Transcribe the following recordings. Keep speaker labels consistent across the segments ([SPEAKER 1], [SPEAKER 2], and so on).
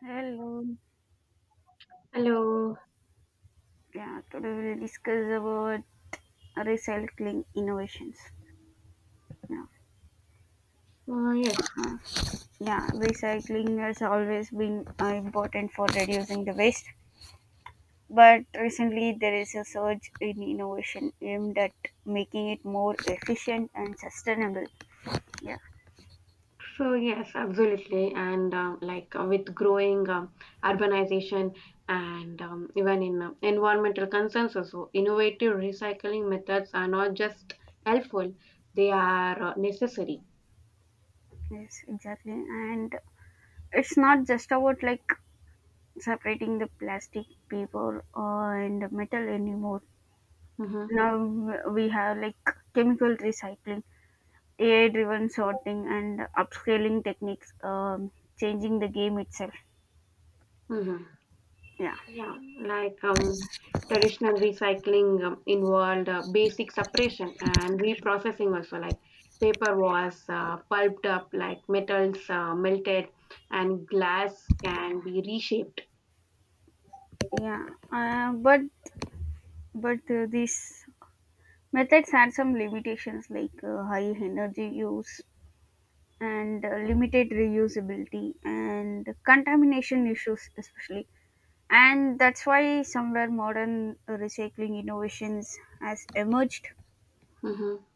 [SPEAKER 1] Hello.
[SPEAKER 2] Hello.
[SPEAKER 1] Yeah, today we'll discuss about recycling innovations. Yeah,
[SPEAKER 2] Yes.
[SPEAKER 1] uh, yeah, recycling has always been important for reducing the waste, but recently there is a surge in innovation aimed at making it more efficient and sustainable. Yeah,
[SPEAKER 2] So yes, absolutely. And with growing urbanization and even in environmental concerns, also innovative recycling methods are not just helpful; they are necessary.
[SPEAKER 1] yes, exactly. And it's not just about like separating the plastic, paper, and the metal anymore.
[SPEAKER 2] Mm-hmm.
[SPEAKER 1] Now we have like chemical recycling AI driven sorting and upscaling techniques changing the game itself.
[SPEAKER 2] Mm-hmm.
[SPEAKER 1] Yeah,
[SPEAKER 2] Yeah, like traditional recycling involved basic separation and reprocessing also. Like paper was pulped up, like metals melted, and glass can be reshaped.
[SPEAKER 1] yeah. But these methods had some limitations like high energy use and limited reusability and contamination issues especially. And that's why somewhere modern recycling innovations has emerged.
[SPEAKER 2] Hmm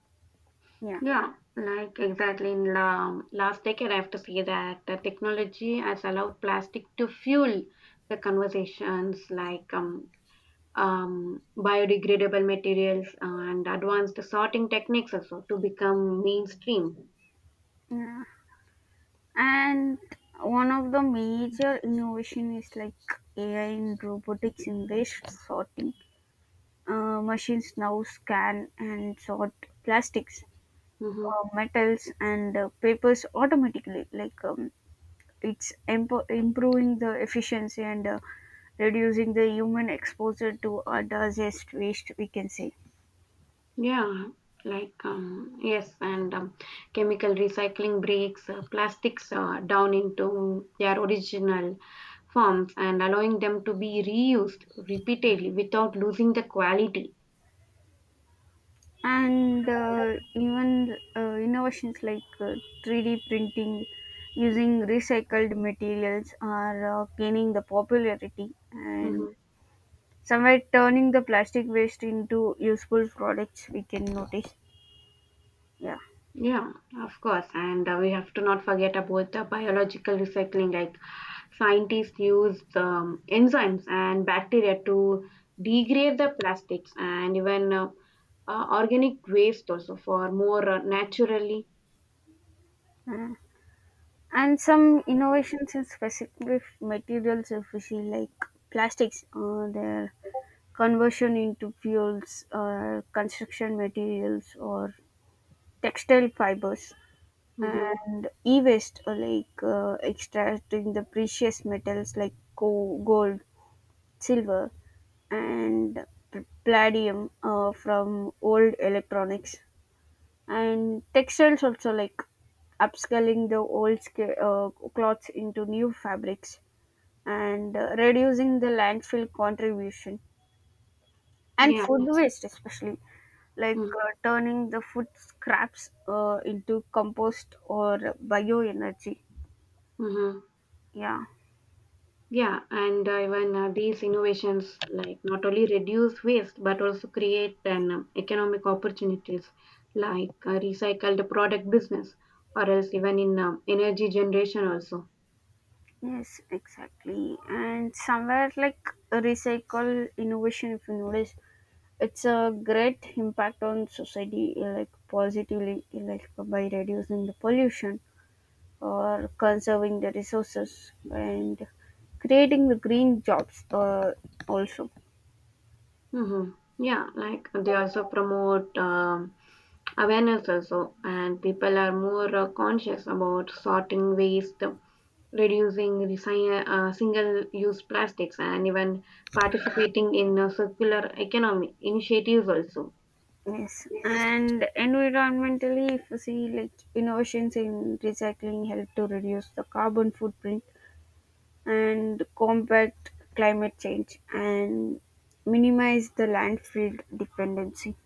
[SPEAKER 1] Yeah.
[SPEAKER 2] Yeah, like exactly in la last decade, I have to say that the technology has allowed plastic to fuel the conversations, like biodegradable materials and advanced sorting techniques also to become mainstream.
[SPEAKER 1] Yeah. And one of the major innovation is like AI and robotics in waste sorting. Machines now scan and sort plastics,
[SPEAKER 2] Hmm
[SPEAKER 1] metals, and papers automatically. Like improving the efficiency and reducing the human exposure to the waste, we can say.
[SPEAKER 2] Yeah, yes, and chemical recycling breaks plastics down into their original forms and allowing them to be reused repeatedly without losing the quality.
[SPEAKER 1] And even innovations like 3D printing using recycled materials are gaining the popularity and somewhere turning the plastic waste into useful products, we can notice. Yeah.
[SPEAKER 2] Yeah, of course. And we have to not forget about the biological recycling. Like scientists use enzymes and bacteria to degrade the plastics and even organic waste also for more naturally.
[SPEAKER 1] Uh, and some innovations in specific materials, if we see, like plastics, their conversion into fuels or construction materials or textile fibers,
[SPEAKER 2] Hmm
[SPEAKER 1] and e-waste, like extracting the precious metals like gold, silver, and palladium from old electronics, and textiles also, like upscaling the old cloths into new fabrics and reducing the landfill contribution, and
[SPEAKER 2] Yeah.
[SPEAKER 1] food waste especially, like
[SPEAKER 2] Mm-hmm.
[SPEAKER 1] turning the food scraps into compost or bioenergy.
[SPEAKER 2] Mm-hmm.
[SPEAKER 1] Yeah.
[SPEAKER 2] Yeah, and even these innovations like not only reduce waste but also create an economic opportunities like recycled product business or else even in energy generation also.
[SPEAKER 1] Yes, exactly. And somewhere like recycle innovation, if you notice, it's a great impact on society, like positively, like by reducing the pollution or conserving the resources and creating the green jobs, also.
[SPEAKER 2] Hmm Yeah, like they also promote awareness also and people are more conscious about sorting waste, reducing single-use plastics and even participating in circular economy initiatives also.
[SPEAKER 1] Yes, and environmentally, if you see, like innovations in recycling help to reduce the carbon footprint and combat climate change and minimize the landfill dependency.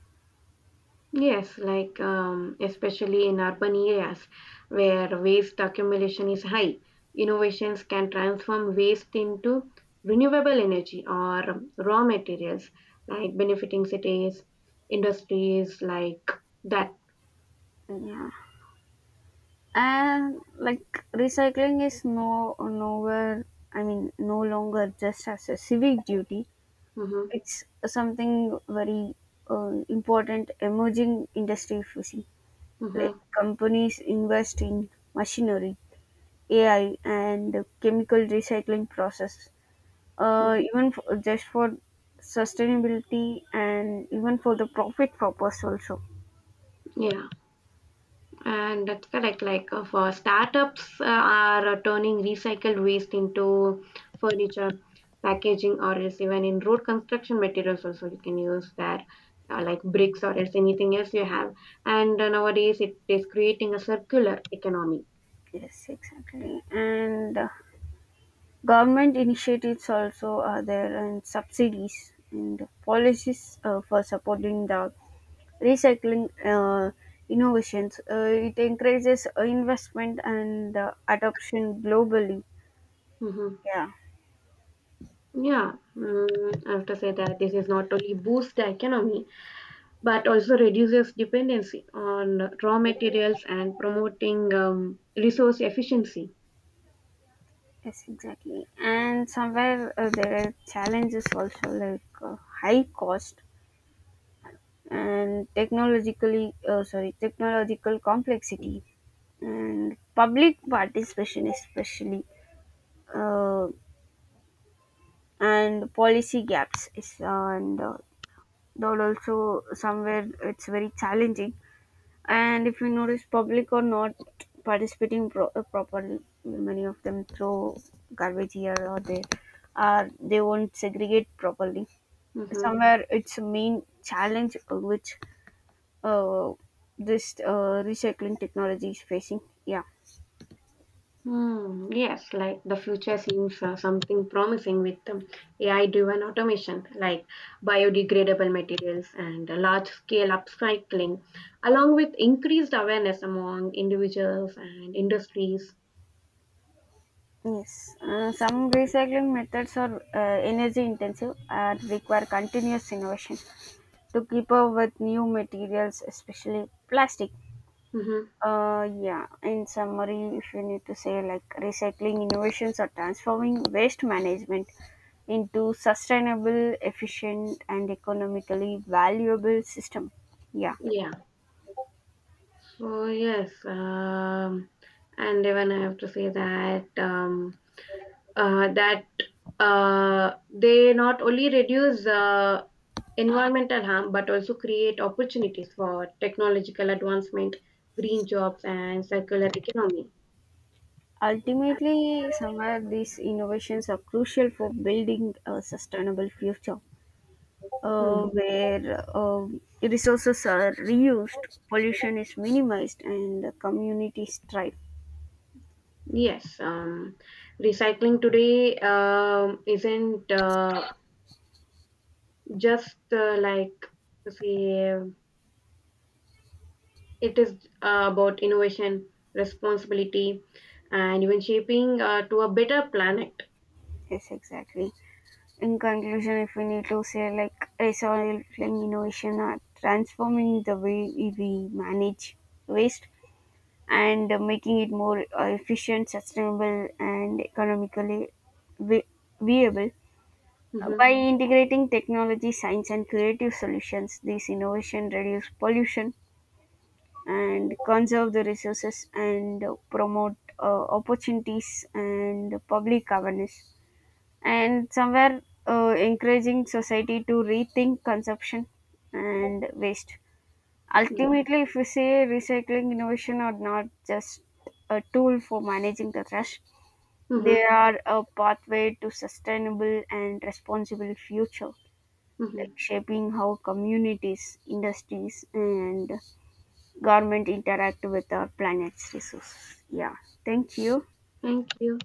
[SPEAKER 2] Yes, like especially in urban areas where waste accumulation is high, innovations can transform waste into renewable energy or raw materials, like benefiting cities, industries like that.
[SPEAKER 1] Yeah. And like recycling is no nowhere I mean no longer just as a civic duty.
[SPEAKER 2] Mm-hmm,
[SPEAKER 1] It's something very important emerging industry, if you see. Like
[SPEAKER 2] mm-hmm,
[SPEAKER 1] companies invest in machinery, AI and chemical recycling process, just for sustainability and even for the profit purpose also.
[SPEAKER 2] mm-hmm, yeah. And that's correct. For startups are turning recycled waste into furniture, packaging, or else even in road construction materials also you can use that, like bricks or else anything else you have. And nowadays it is creating a circular economy.
[SPEAKER 1] Yes, exactly. And government initiatives also are there, and subsidies and policies for supporting the recycling innovations. It encourages investment and adoption globally.
[SPEAKER 2] Hmm
[SPEAKER 1] Yeah.
[SPEAKER 2] Yeah, I have to say that this is not only boost the economy but also reduces dependency on raw materials and promoting resource efficiency.
[SPEAKER 1] Yes, exactly. And somewhere there are challenges also, like high cost and technological complexity and public participation especially, uh, and policy gaps is, and that also somewhere it's very challenging. And if you notice, public or not participating properly, many of them throw garbage here, or they are, they won't segregate properly.
[SPEAKER 2] Mhm.
[SPEAKER 1] Somewhere it's a main challenge which uh, this recycling technology is facing. Yeah,
[SPEAKER 2] Hmm, yes, like the future seems something promising with AI driven automation like biodegradable materials and large scale upcycling, along with increased awareness among individuals and industries.
[SPEAKER 1] yes. Some recycling methods are energy intensive and require continuous innovation to keep up with new materials, especially plastic.
[SPEAKER 2] Mm-hmm.
[SPEAKER 1] Yeah, in summary, if you need to say, like, recycling innovations are transforming waste management into sustainable, efficient, and economically valuable system. Yeah.
[SPEAKER 2] Yeah. So, yes, and even I have to say that that they not only reduce environmental harm, but also create opportunities for technological advancement, green jobs, and circular economy.
[SPEAKER 1] Ultimately, somewhere these innovations are crucial for building a sustainable future uh,
[SPEAKER 2] Hmm.
[SPEAKER 1] where uh, resources are reused, pollution is minimized, and the communities thrive.
[SPEAKER 2] Yes, recycling today isn't just, say, it is about innovation, responsibility, and even shaping to a better planet.
[SPEAKER 1] Yes, exactly. In conclusion, if we need to say, like, recycling innovation are transforming the way we manage waste, and making it more efficient, sustainable, and economically vi- viable.
[SPEAKER 2] Mm-hmm.
[SPEAKER 1] By integrating technology, science, and creative solutions, these innovation reduce pollution and conserve the resources and promote opportunities and public awareness. And somewhere encouraging society to rethink consumption and waste.
[SPEAKER 2] Yeah.
[SPEAKER 1] Ultimately, if you say recycling innovation are not just a tool for managing the trash, they
[SPEAKER 2] Mm-hmm.
[SPEAKER 1] are a pathway to sustainable and responsible future, like
[SPEAKER 2] Mm-hmm.
[SPEAKER 1] shaping how communities, industries, and government interact with our planet's resources. Yeah, thank you.
[SPEAKER 2] Thank you.